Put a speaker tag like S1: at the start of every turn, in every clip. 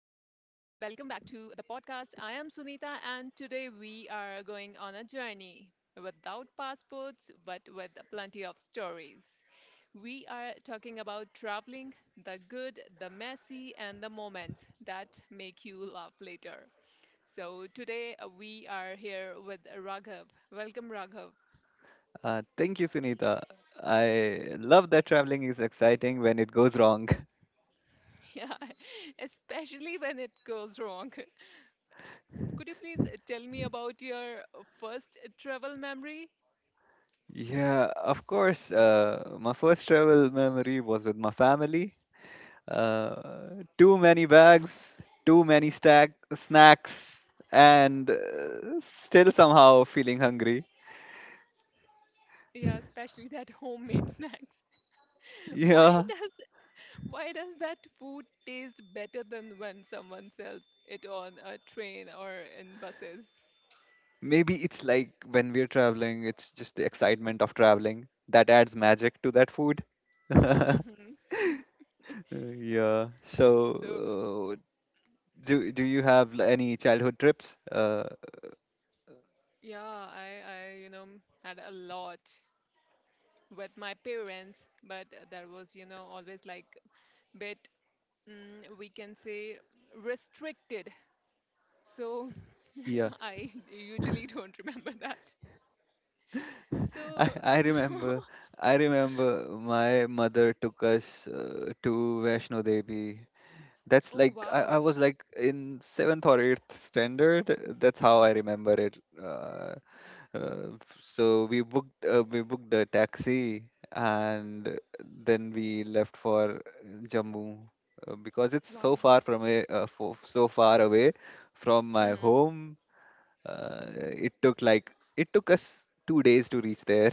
S1: Welcome back to the podcast. I am Sunita, and today we are going on a journey without passports but with plenty of stories. We are talking about traveling, the good, the messy, and the moments that make you laugh later. So today we are here with Raghav. Welcome, Raghav.
S2: Thank you, Sunita. I love that traveling is exciting when it goes wrong.
S1: Yeah, especially when it goes wrong. Could you please tell me about your first travel memory?
S2: Yeah, of course. My first travel memory was with my family. Too many bags, too many stack snacks, and still somehow feeling hungry.
S1: Yeah, especially that homemade snacks. Why
S2: Yeah,
S1: does why does that food taste better than when someone sells it on a train or in buses?
S2: maybe it's like when we're traveling, it's just the excitement of traveling that adds magic to that food.
S1: Hmm.
S2: Uh, Yeah,
S1: So
S2: so uh, do you have any childhood trips?
S1: yeah, I I had a lot with my parents, but that was always like bit mm, we can say restricted. So,
S2: Yeah.
S1: I usually don't remember that.
S2: I
S1: So,
S2: I remember I remember my mother took us to Vaishno Devi. That's
S1: oh,
S2: like,
S1: wow.
S2: I was like in seventh or eighth standard. That's how I remember it. Uh, we booked a taxi and then we left for Jammu because it's so
S1: Wow.
S2: far so far away from my
S1: Mhm.
S2: home. It took us 2 days to reach there,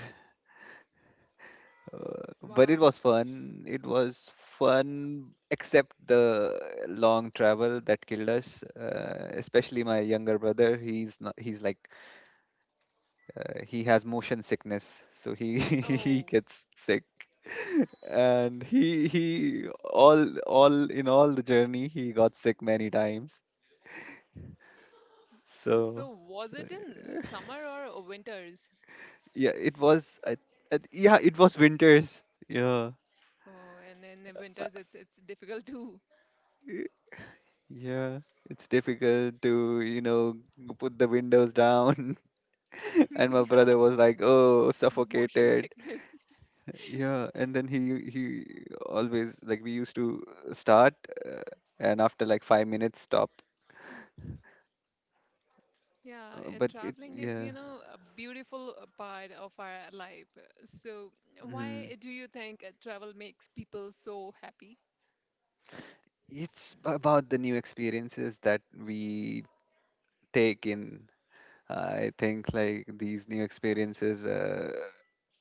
S2: but it
S1: Wow.
S2: was fun. It was fun, except the long travel that killed us. Especially my younger brother. He's not. He's like he has motion sickness, so he he
S1: Oh,
S2: gets sick. And he all in all the journey he got sick many times.
S1: so
S2: So
S1: was it in summer or winters?
S2: yeah, it was I, yeah, it was winters. Yeah.
S1: Oh, and then in the winters, it's difficult to.
S2: Yeah, it's difficult to, you know, put the windows down. And my
S1: Yeah,
S2: brother was like, "Oh,
S1: motion
S2: suffocated."
S1: sickness.
S2: Yeah, and then he always, like, we used to start uh, and after like 5 minutes stop.
S1: Yeah,
S2: But it
S1: traveling is,
S2: yeah.
S1: you know, a beautiful part of our life. So,
S2: Mm.
S1: why do you think travel makes people so happy?
S2: It's about the new experiences that we take in. I think like these new experiences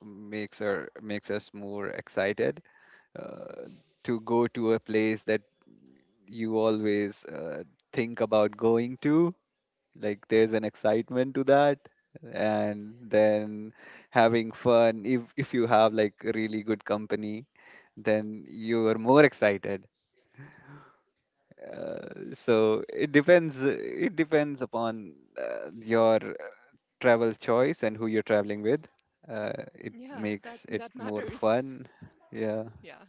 S2: makes us more excited uh, to go to a place that you always think about going to. Like there's an excitement to that, and then having fun. If you have like really good company, then you are more excited. It depends upon your travel choice and who you're traveling with. It
S1: Yeah, that
S2: makes it
S1: that
S2: more
S1: matters.
S2: fun. Yeah.
S1: Yeah.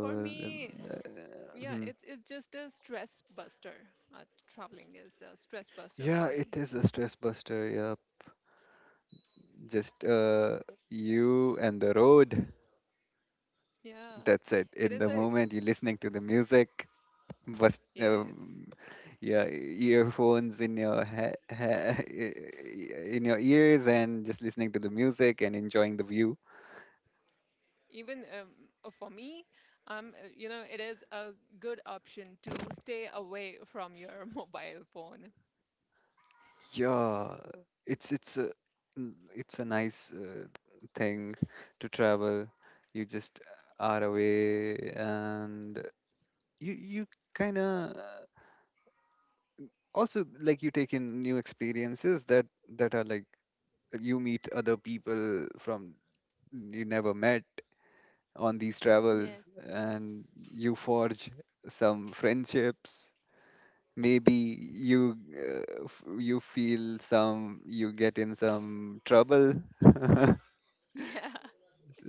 S1: For me, yeah,
S2: hmm.
S1: it's just a stress buster. Uh, Traveling is a stress buster for
S2: Yeah,
S1: me.
S2: it is a stress buster. Yeah, just you and the road.
S1: Yeah,
S2: That's it.
S1: it
S2: In
S1: is
S2: the
S1: a
S2: moment, you're listening to the music. Bust,
S1: yes.
S2: um, yeah, earphones in your in your ears and just listening to the music and enjoying the view.
S1: Even for me, you know, it is a good option to stay away from your mobile phone.
S2: Yeah, it's a nice thing to travel. You just are away and you kind of. Also, like, you take in new experiences that that are like you meet other people from you never met on these travels,
S1: Yes.
S2: and you forge some friendships. Maybe you you feel some, you get in some trouble.
S1: Yeah.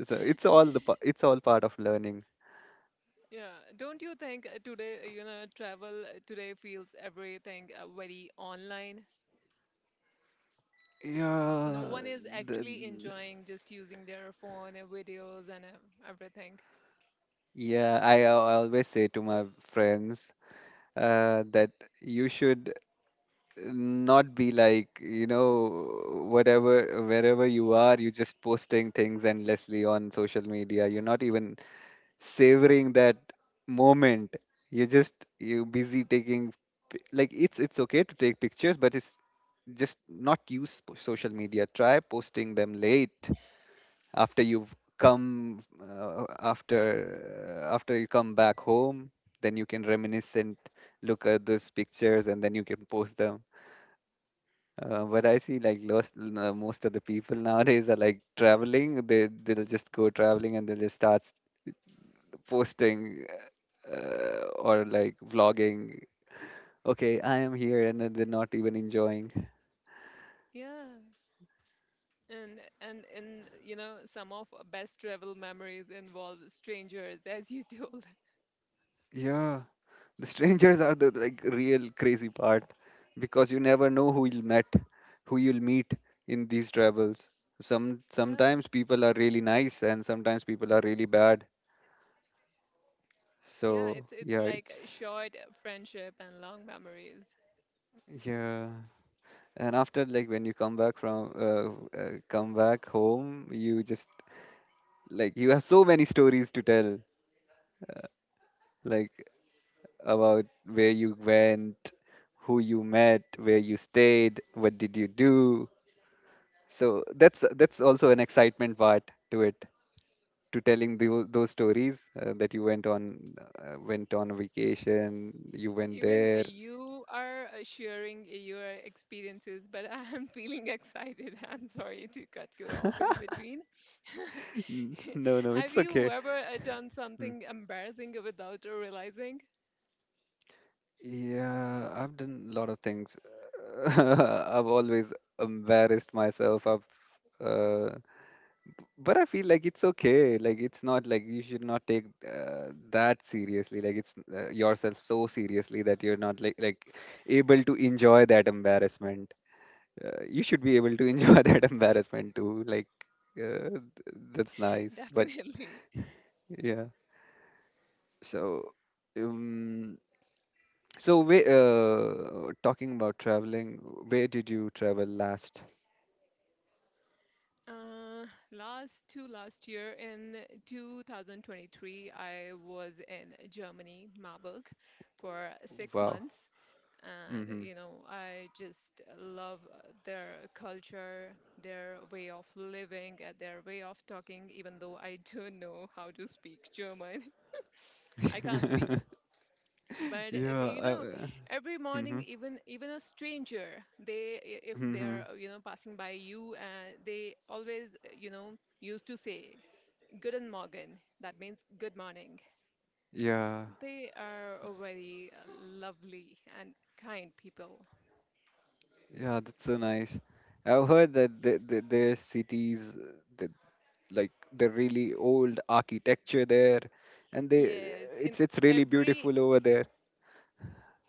S2: So it's it's all part of learning,
S1: Yeah. Don't you think today, you know, travel today feels everything very online? No
S2: yeah.
S1: one is
S2: the,
S1: actually enjoying just using their phone and videos and everything.
S2: yeah I, I always say to my friends that you should not be like, you know, whatever, wherever you are, you're just posting things endlessly on social media. You're not even savoring that moment. You're just, you're busy taking like it's okay to take pictures, but it's just not social media. Try posting them late, after you've come after after you come back home, then you can reminiscent, look at those pictures and then you can post them. But I see, like, most of the people nowadays are like traveling. They'll just go traveling and they'll just posting or like vlogging. Okay, I am here, and then they're not even enjoying.
S1: Yeah. And you know, some of our best travel memories involve strangers, as you told.
S2: Yeah, the strangers are the like real crazy part, because you never know who you'll meet in these travels. Some
S1: Yeah,
S2: sometimes people are really nice and sometimes people are really bad.
S1: yeah,
S2: So
S1: it's
S2: yeah,
S1: like a
S2: it's
S1: short friendship and long memories.
S2: yeah. And after, like, when you come back from come back home, you just, like, you have so many stories to tell, like, about where you went, who you met, where you stayed, what did you do. So that's also an excitement part to it, to telling those stories that you went on went on a vacation, you went
S1: Even
S2: there.
S1: you are sharing your experiences, but I'm feeling excited. I'm sorry to cut you off in between.
S2: No, no,
S1: Have
S2: it's okay.
S1: you ever done
S2: Hmm.
S1: something embarrassing without realizing?
S2: Yeah, I've done a lot of things. I've always embarrassed myself. Uh, but I feel like it's okay. Like, it's not, like, you should not take that seriously. Like, it's yourself so seriously that you're not like able to enjoy that embarrassment. You should be able to enjoy that embarrassment too. Like uh, th- that's nice. But
S1: Definitely.
S2: yeah, so. Um, So, we, talking about traveling, where did you travel last?
S1: Uh, last to last year in 2023, I was in Germany, Marburg, for six
S2: Wow.
S1: months. And,
S2: Mm-hmm.
S1: you know, I just love their culture, their way of living, their way of talking, even though I don't know how to speak German. I can't speak, but
S2: Yeah.
S1: you
S2: I,
S1: know, every
S2: mm-hmm.
S1: morning, even a stranger, if they
S2: Mm-hmm.
S1: are you know passing by you, they always you know used to say, "Guten Morgen." That means good morning.
S2: Yeah.
S1: They are a very lovely and kind people.
S2: Yeah, that's so nice. I've heard that there cities, that like the really old architecture there, and they,
S1: Yes, in
S2: it's really
S1: every
S2: beautiful over there.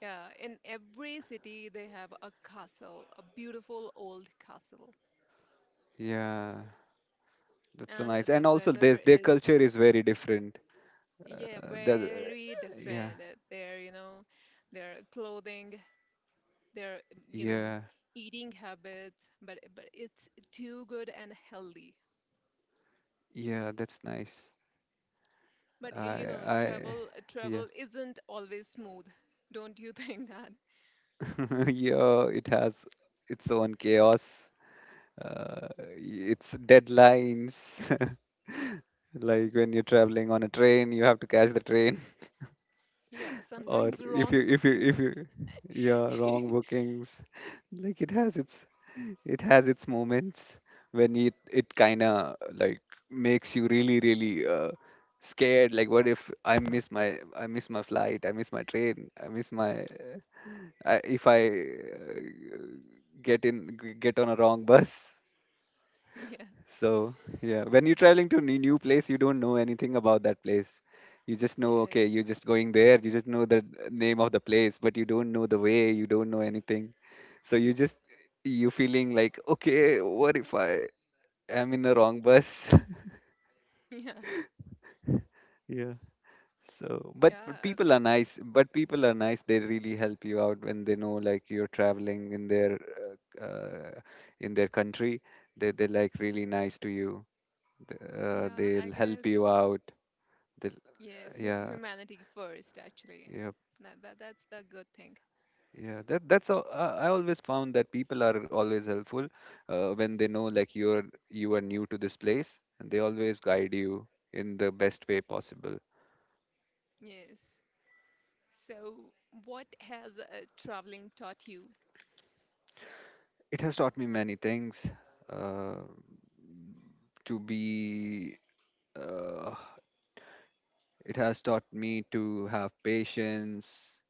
S1: yeah, in every city they have a castle, a beautiful old castle,
S2: Yeah, that's so
S1: and
S2: nice.
S1: the
S2: And also
S1: weather
S2: their
S1: is
S2: culture is very different.
S1: yeah,
S2: Uh, the,
S1: very
S2: yeah,
S1: different. Their, you know, their clothing, their, you know,
S2: yeah,
S1: eating habits, but it's too good and healthy.
S2: yeah, that's nice.
S1: But y-
S2: I,
S1: you know,
S2: I,
S1: travel
S2: yeah,
S1: travel isn't always smooth. Don't you think that?
S2: yeah. It has its own chaos. Uh, its deadlines. Like when you're traveling on a train, you have to catch the train.
S1: Yeah,
S2: Or
S1: sometimes wrong
S2: if
S1: bookings.
S2: you, yeah, wrong bookings. Like it has its moments when it kind of like makes you really, really scared. Like, what if I miss I miss my flight, I miss my train, I miss my I, if I get on a wrong bus.
S1: Yeah,
S2: So yeah, when you're traveling to new place, you don't know anything about that place. You just know,
S1: yes.
S2: okay, you're just going there. You just know the name of the place, but you don't know the way. You don't know anything. So you feeling like, okay, what if I am in the wrong bus?
S1: Yeah.
S2: Yeah. So,
S1: Yeah,
S2: but people are nice. But people are nice. They really help you out when they know like you're traveling uh, uh, in their country. They like really nice to you.
S1: yeah, I
S2: They'll help
S1: guess.
S2: you out. They'll,
S1: Yes, hu
S2: yeah,
S1: humanity first actually.
S2: yeah,
S1: That, that that's the good thing.
S2: yeah. That that's all. I always found that people are always helpful when they know, like, you are new to this place, and they always guide
S1: Hmm.
S2: you in the best way possible.
S1: Yes. So, what has traveling taught you?
S2: It has taught me many things. Uh, to be Uh, it has taught me to have patience,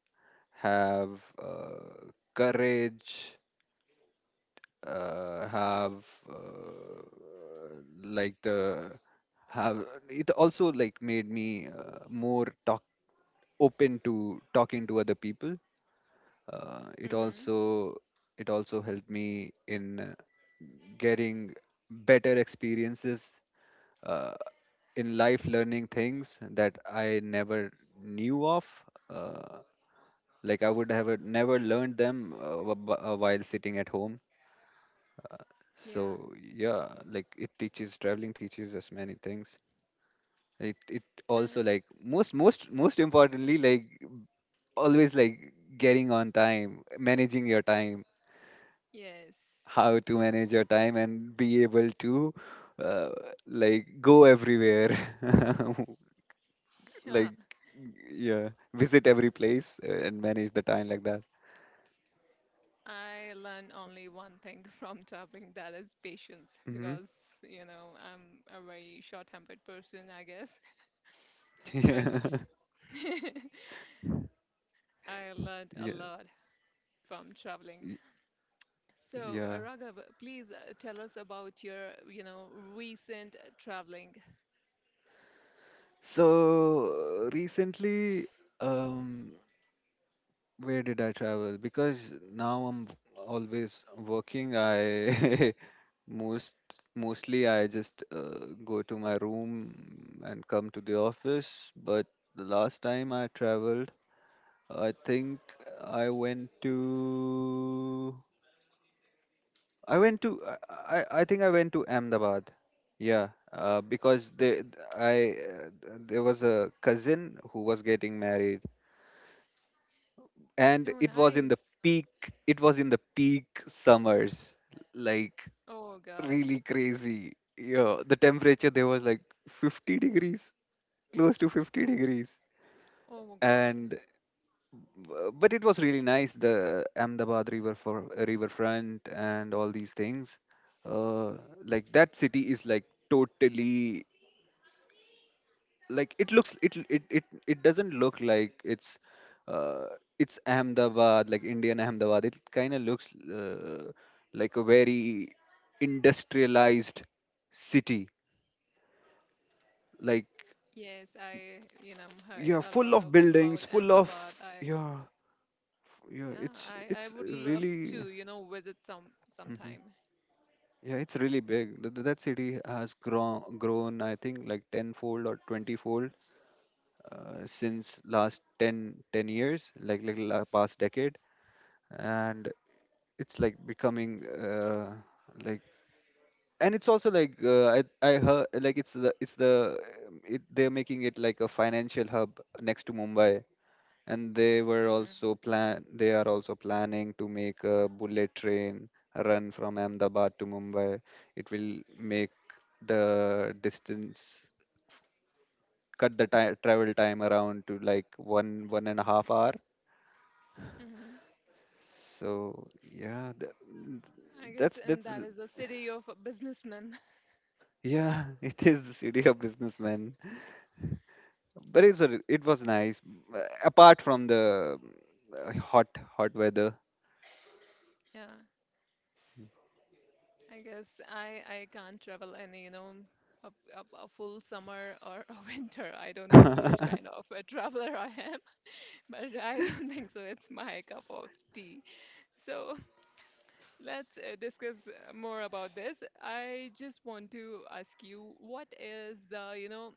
S2: have courage, have like the have it also like made me more talk open to talking to other people. uh, it
S1: Mm-hmm.
S2: also it also helped me in getting better experiences uh, in life, learning things that I never knew of. uh, like, I would have never learned them while sitting at home.
S1: Yeah.
S2: So yeah, like, it teaches, traveling teaches us many things. It
S1: Uh,
S2: also Like, most importantly, like, always like getting on time, managing your time,
S1: yes.
S2: how to manage your time and be able to uh, like go everywhere
S1: Yeah.
S2: like yeah, visit every place and manage the time like that.
S1: I learned only one thing from traveling, that is patience,
S2: Hmm.
S1: because, you know, I'm a very short-tempered person, I guess. But
S2: Yeah,
S1: I learned a
S2: yeah,
S1: lot from traveling.
S2: y-
S1: So,
S2: yeah.
S1: Raghav, please tell us about your, you know, recent traveling.
S2: So recently, um, where did I travel, because now I'm always working. I Most mostly I just go to my room and come to the office. But the last time I traveled, I think I went to I went to I I think I went to Ahmedabad. Yeah, because they I there was a cousin who was getting married, and
S1: Oh,
S2: it was in the
S1: nice.
S2: peak. It was in the peak summers, like,
S1: Oh, God.
S2: really crazy. Yeah, the temperature there was like 50 degrees, close to 50 degrees,
S1: Oh, God.
S2: and but it was really nice. The Ahmedabad river for riverfront and all these things. Uh, like, that city is like totally, it doesn't look like uh, it's Ahmedabad, like Indian Ahmedabad. It kind of looks like a very industrialized city, like,
S1: Yes, I, you know, heard
S2: yeah,
S1: a
S2: full
S1: lot
S2: of
S1: of about
S2: buildings, full of,
S1: Ahmedabad. I,
S2: yeah, yeah,
S1: yeah, I
S2: it's
S1: would love
S2: really,
S1: to, you know, visit some
S2: hmm,
S1: sometime.
S2: yeah, it's really big. That city has grown, I think, like tenfold or twentyfold, since last 10 10 years, like, past decade. And it's like becoming like, and it's also like, I heard like it's the they're making it like a financial hub next to Mumbai, and they were
S1: Hmm.
S2: also plan they are also planning to make a bullet train run from Ahmedabad to Mumbai. It will make the distance, cut the ti travel time around to like one one and a half hour.
S1: Hmm.
S2: So yeah,
S1: I guess, and
S2: that's
S1: that is the city of a businessman.
S2: yeah, it is the city of businessmen. But it was nice, apart from the uh, hot hot weather.
S1: Yeah, I guess I can't travel any, you know, a, a full summer or a winter. I don't know which kind of a traveler I am, but I don't think so. It's my cup of tea. So let's discuss more about this. I just want to ask you, what is the, you know,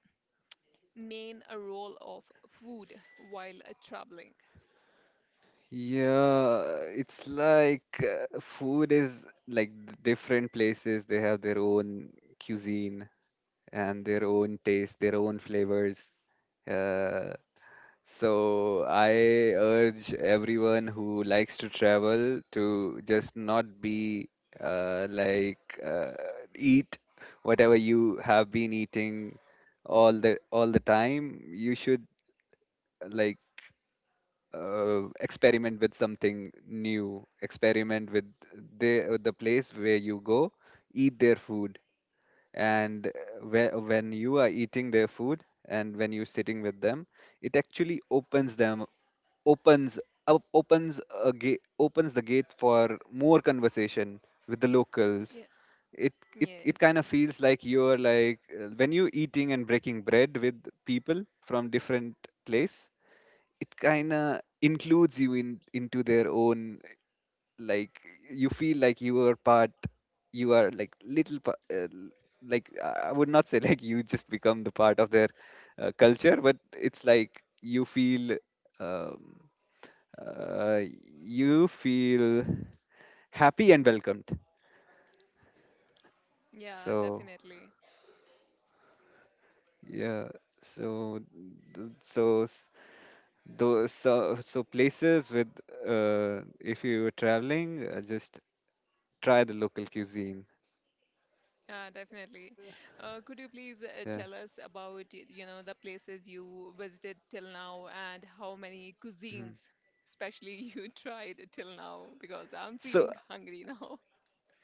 S1: main role of food while traveling?
S2: Yeah, it's like, food is like, different places, they have their own cuisine and their own taste, their own flavors. Uh, so I urge everyone who likes to travel to just not be like eat whatever you have been eating all the time. You should like experiment with something new. Experiment with the place where you go, eat their food, and when you are eating their food and when you're sitting with them, it actually opens them opens up opens a gate opens the gate for more conversation with the locals.
S1: Yeah.
S2: It it, it
S1: Yes.
S2: kind of feels like you're when you're eating and breaking bread with people from different place, it kind of includes you in into their own. like you feel like you are part you are like little pa- l- like I would not say like you just become the part of their culture, but it's like um, uh, you feel happy and welcomed.
S1: Yeah,
S2: So
S1: definitely.
S2: yeah so th- so s- those so, so places with if you were traveling, just try the local cuisine.
S1: Yeah, definitely. Could you please
S2: Yeah.
S1: tell us about, you know, the places you visited till now and how many cuisines,
S2: Mhm.
S1: especially you tried till now? Because I'm
S2: So
S1: feeling hungry now.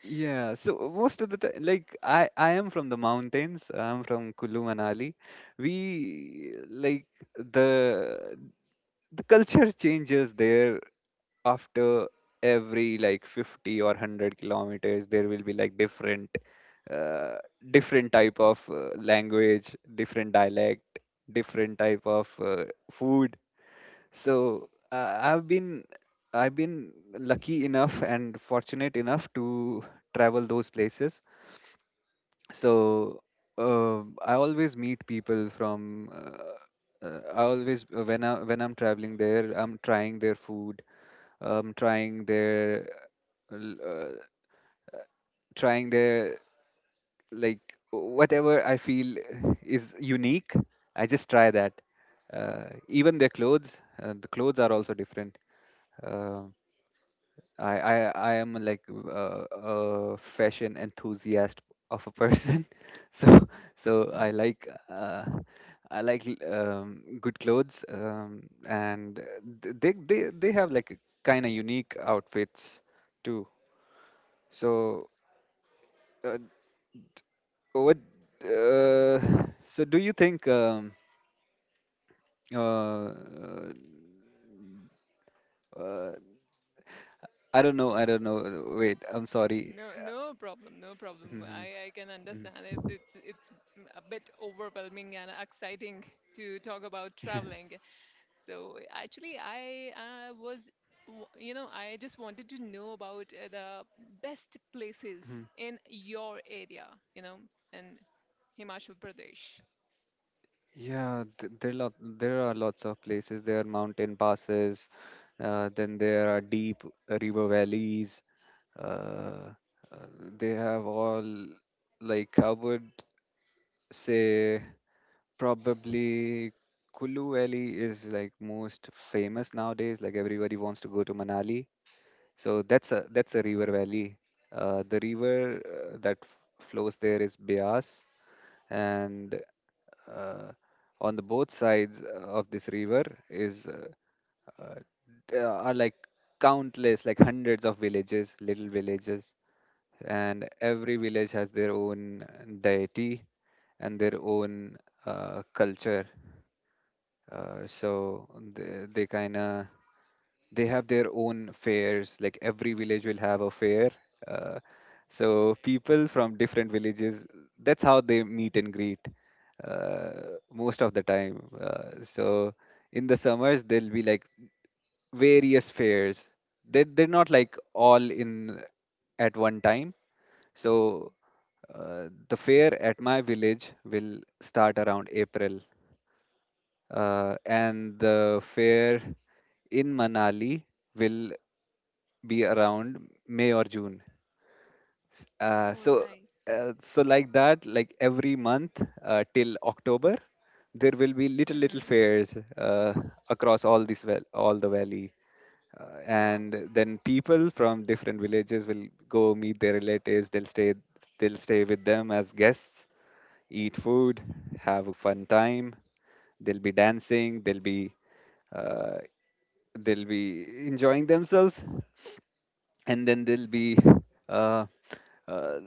S2: yeah, so most of the time, like I am from the mountains. I'm from Kulu Manali. We like the the culture changes there after every like 50 or 100 kilometers. There will be like different, uh, different type of language, different dialect, different type of food. So I've been lucky enough and fortunate enough to travel those places. So uh, I always meet people from I always When I'm traveling there, I'm trying their food, trying their l- trying their like whatever I feel is unique, I just try that. Even their clothes, the clothes are also different. Uh, I, I I am a fashion enthusiast of a person, so so I like good clothes, and they have like kind of unique outfits too. So. uh, what? Uh, so, do you think? Uh, uh, uh, I don't know. I don't know. Wait. I'm sorry.
S1: No, no problem, no problem.
S2: Mhm,
S1: I can
S2: mhm.
S1: understand it. It's a bit overwhelming and exciting to talk about
S2: Yeah.
S1: traveling. So actually, you know, I just wanted to know about the best places
S2: Mhm.
S1: in your area, you know, in Himachal Pradesh.
S2: Yeah. There are lots of places. There are mountain passes. Then there are deep river valleys. Uh, uh, they have all like covered. Say Probably Kulu Valley is like most famous nowadays. Like everybody wants to go to Manali. So that's a river valley. The river flows there is Bias, and uh, on the both sides of this river is uh, there are like countless, like hundreds of villages, little villages, and every village has their own deity and their own culture. So they kind of they have their own fairs. Like every village will have a fair. Uh, so people from different villages, that's how they meet and greet, uh, most of the time. So in the summers, there'll be like various fairs. They're not like all in at one time. So the fair at my village will start around April, and the fair in Manali will be around May or June. S- Uh,
S1: Oh,
S2: so,
S1: nice.
S2: so, like that, like every month till October, there will be little
S1: Mm-hmm.
S2: fairs across all the valley,
S1: Wow.
S2: and then people from different villages will go meet their relatives. They'll stay with them as guests, eat food, have a fun time. They'll be dancing. Uh, they'll be enjoying themselves, and then they'll be uh, uh,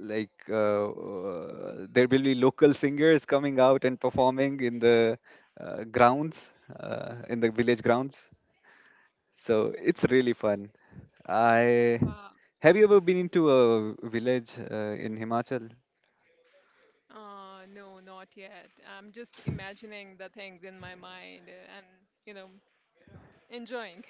S2: like there will be local singers coming out and performing in the grounds, in the village grounds. So it's really fun. I
S1: Wow.
S2: Have you ever been into a village in Himachal?
S1: No, not yet. I'm just imagining the things in my mind and, you know, enjoying.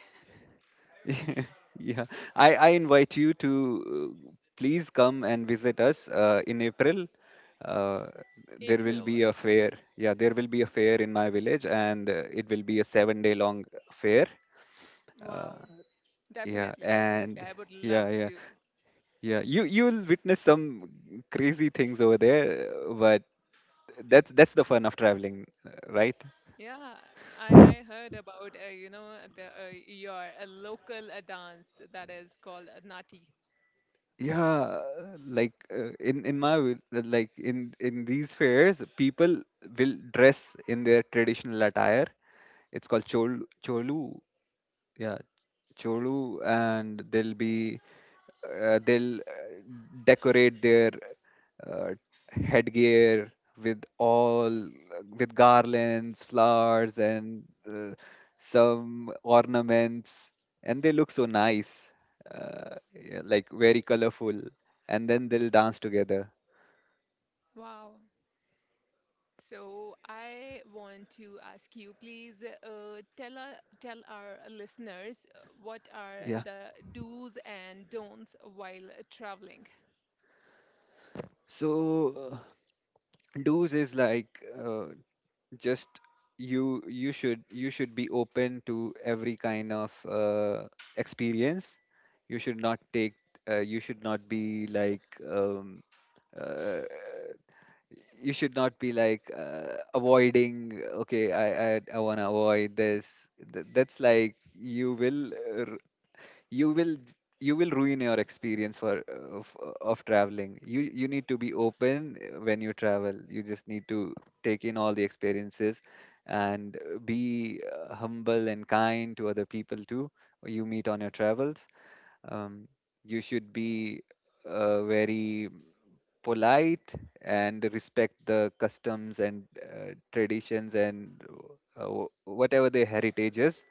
S2: Yeah, I invite you to, uh, please come and visit us, in April. Uh, there will
S1: April.
S2: be a fair. Yeah, there will be a fair in my village, and it will be a 7-day long fair. Uh,
S1: Wow.
S2: yeah,
S1: Definitely, definitely.
S2: and
S1: I would love
S2: yeah, yeah,
S1: to.
S2: yeah. You'll witness some crazy things over there, but that's the fun of traveling, right?
S1: Yeah, I heard about you know the your a local dance that is called Nati.
S2: Yeah, like in my wi- like in these fairs, people will dress in their traditional attire. It's called cholu. Yeah, cholu, and they'll, decorate their uh, headgear with all, with garlands, flowers, and, uh, some ornaments, and they look so nice, yeah, like very colorful. And then they'll dance together.
S1: Wow. So I want to ask you, please uh, tell our listeners what are
S2: Yeah.
S1: the do's and don'ts while traveling.
S2: So do's is just you should be open to every kind of experience. You should not take you should not be like um, uh, you should not be like, avoiding, okay, I want to avoid this. That's like you will, you will you will ruin your experience for, of traveling. You need to be open, when you travel, you just need to take in all the experiences, and, be, humble and kind to other people too you meet on your travels. um, you should be, very polite and respect the customs and, traditions and, whatever their heritage is.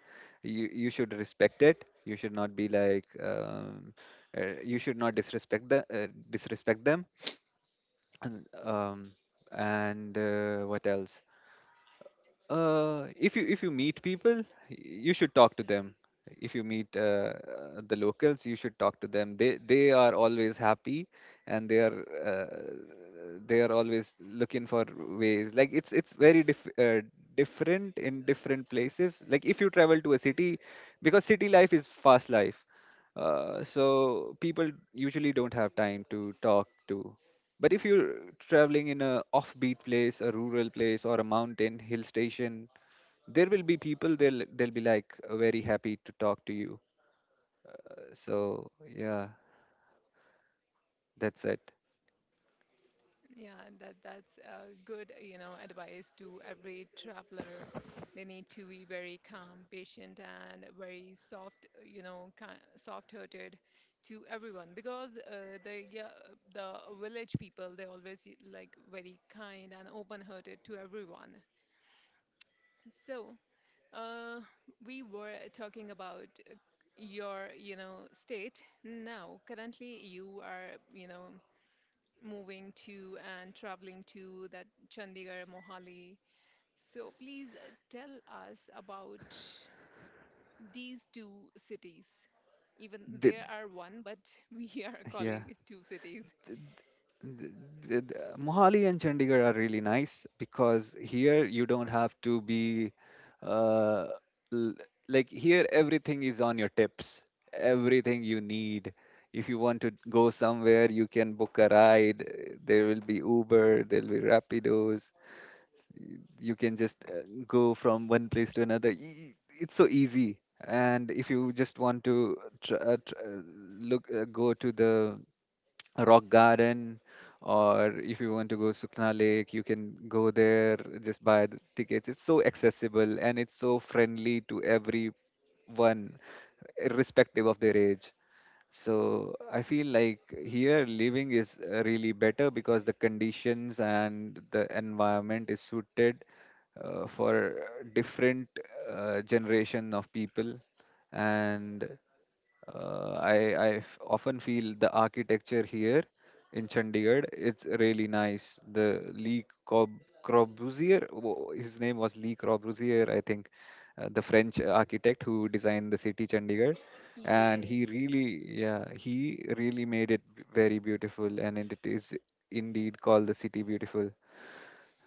S2: You should respect it. You should not disrespect the disrespect them. And, um, and What else? If you meet people, you should talk to them. If you meet, the locals, you should talk to them. They are always happy, and they are always looking for ways. Like it's very different in different places. Like if you travel to a city, because city life is fast life. So people usually don't have time to talk to. But if you're traveling in a offbeat place, a rural place, or a mountain hill station, there will be people. They'll be like very happy to talk to you. So yeah, that's it.
S1: Yeah, that that's a good, you know, advice to every traveler. They need to be very calm, patient, and very soft, you know, soft-hearted to everyone because the yeah, the village people they always like very kind and open-hearted to everyone. So, uh, we were talking about your, you know, state. Now, currently, you are, you know, moving to and traveling to that Chandigarh, Mohali. So please tell us about these two cities. Even
S2: The,
S1: there are one, but we are
S2: yeah.
S1: calling it two cities.
S2: th- th- th- Mohali and Chandigarh are really nice, because here you don't have to be, uh, l- like here everything is on your tips. Everything you need. If you want to go somewhere, you can book a ride. There will be Uber, there'll be Rapidos. You can just, go from one place to another. It's so easy, and if you just want to tr- tr- look go to the rock garden, or if you want to go Sukna Lake, you can go there, just buy the tickets. It's so accessible, and it's so friendly to everyone, irrespective of their age. So I feel like here living is, really better, because the conditions and the environment is suited, for different, generation of people. And, I often feel the architecture here in Chandigarh. It's really nice. The Lee Corb- Corbusier, wo- His name was Lee Corbusier, I think, the French architect who designed the city Chandigarh. And
S1: Yes.
S2: he really made it very beautiful, and it is indeed called the city beautiful.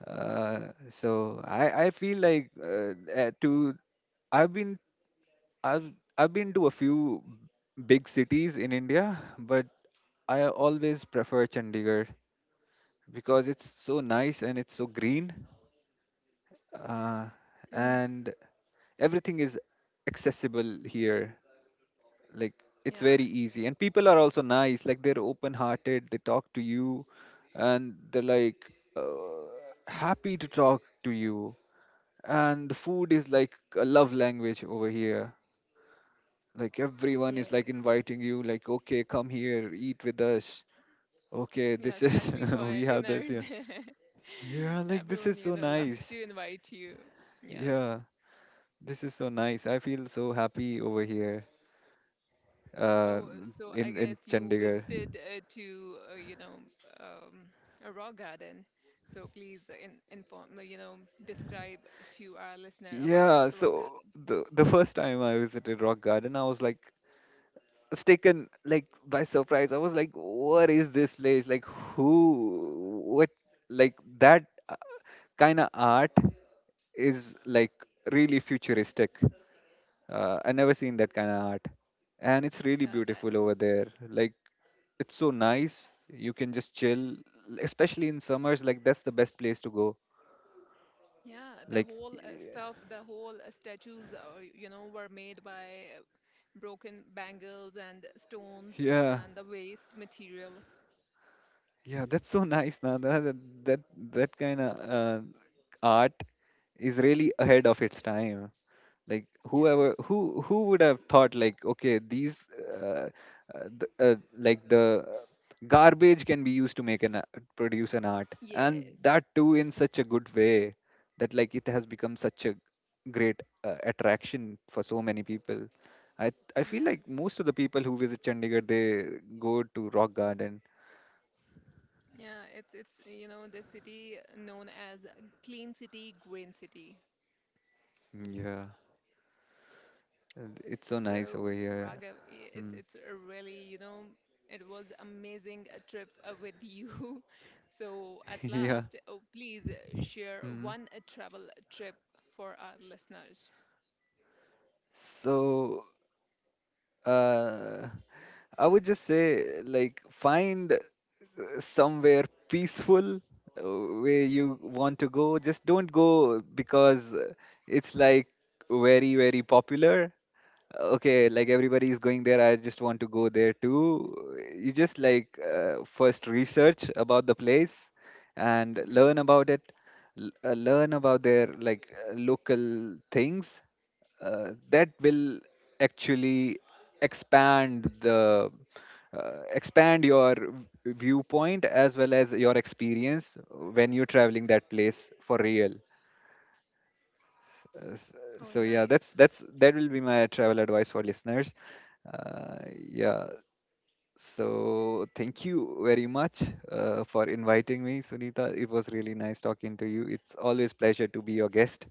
S2: So I feel like to I've been I've I've been to a few big cities in India, but I always prefer Chandigarh, because it's so nice and it's so green, uh,
S1: Mm,
S2: and everything is accessible here. Like it's
S1: yeah,
S2: very easy, and people are also nice. Like they're open-hearted. They talk to you, and they're uh, happy to talk to you. And the food is like a love language over here. Like everyone is like
S1: yes.
S2: inviting you. Like, okay, come here, eat with us. Okay,
S1: Yeah,
S2: this is
S1: especially for
S2: we have this
S1: dinners.
S2: here. Yeah, like this
S1: Everyone,
S2: is
S1: you
S2: so
S1: know, love
S2: nice.
S1: to invite you. Yeah.
S2: Yeah. This is so nice. I feel so happy over here, uh,
S1: Oh, so I
S2: in
S1: guess you
S2: Chandigarh.
S1: visited to you know um, a rock garden. So please in, inform you know describe to our listener about
S2: Yeah,
S1: rock
S2: so
S1: garden.
S2: the first time I visited Rock Garden, I was like was taken like by surprise. I was like, what is this place? Like who? What? Like that kind of art is like really futuristic. I never seen that kind of art, and it's really
S1: Yeah, that
S2: beautiful over there. Like it's so nice. You can just chill, especially in summers. Like that's the best place to go.
S1: yeah the
S2: Like
S1: whole
S2: y-
S1: stuff, the whole statues you know were made by broken bangles and stones
S2: yeah,
S1: and the waste material.
S2: Yeah, that's so nice, Nanda. That, that kind of art is really ahead of its time. Like
S1: Yeah.
S2: whoever who would have thought, like, okay, these, uh, the garbage can be used to produce an art, and
S1: Yes.
S2: that too in such a good way, that like it has become such a great, attraction for so many people. I feel
S1: Yeah.
S2: like most of the people who visit Chandigarh, they go to Rock Garden.
S1: Yeah, it's you know the city known as Clean City, Green City.
S2: Yeah. It's so nice
S1: So,
S2: over here.
S1: Raghav, i- it's
S2: Mm.
S1: it's a really, you know, it was amazing a trip with you. So, at
S2: Yeah.
S1: last, oh, please share
S2: hmm
S1: one travel trip for our listeners.
S2: So, uh, I would just say, like, find, somewhere peaceful, where you want to go. Just don't go because, it's like very, very popular. Okay, like everybody is going there, I just want to go there too. You just, first research about the place and
S1: Hmm.
S2: learn about it. Learn about their, local things, that will actually expand the expand your viewpoint as well as your experience when you're traveling that place for real. uh, s-
S1: Oh,
S2: so yeah,
S1: nice.
S2: that will be my travel advice for listeners, yeah. So thank you very much, for inviting me, Sunita. It was really nice talking to you. It's always pleasure to be your guest.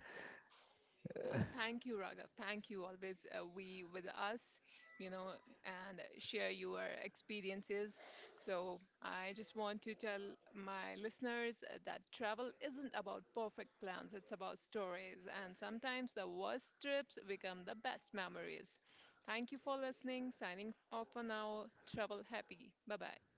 S1: Thank you, Raghav. Thank you always we with us, you know, and share your experiences. So I just want to tell my listeners that travel isn't about perfect plans. It's about stories, and sometimes the worst trips become the best memories. Thank you for listening. Signing off for now. Travel happy. Bye bye.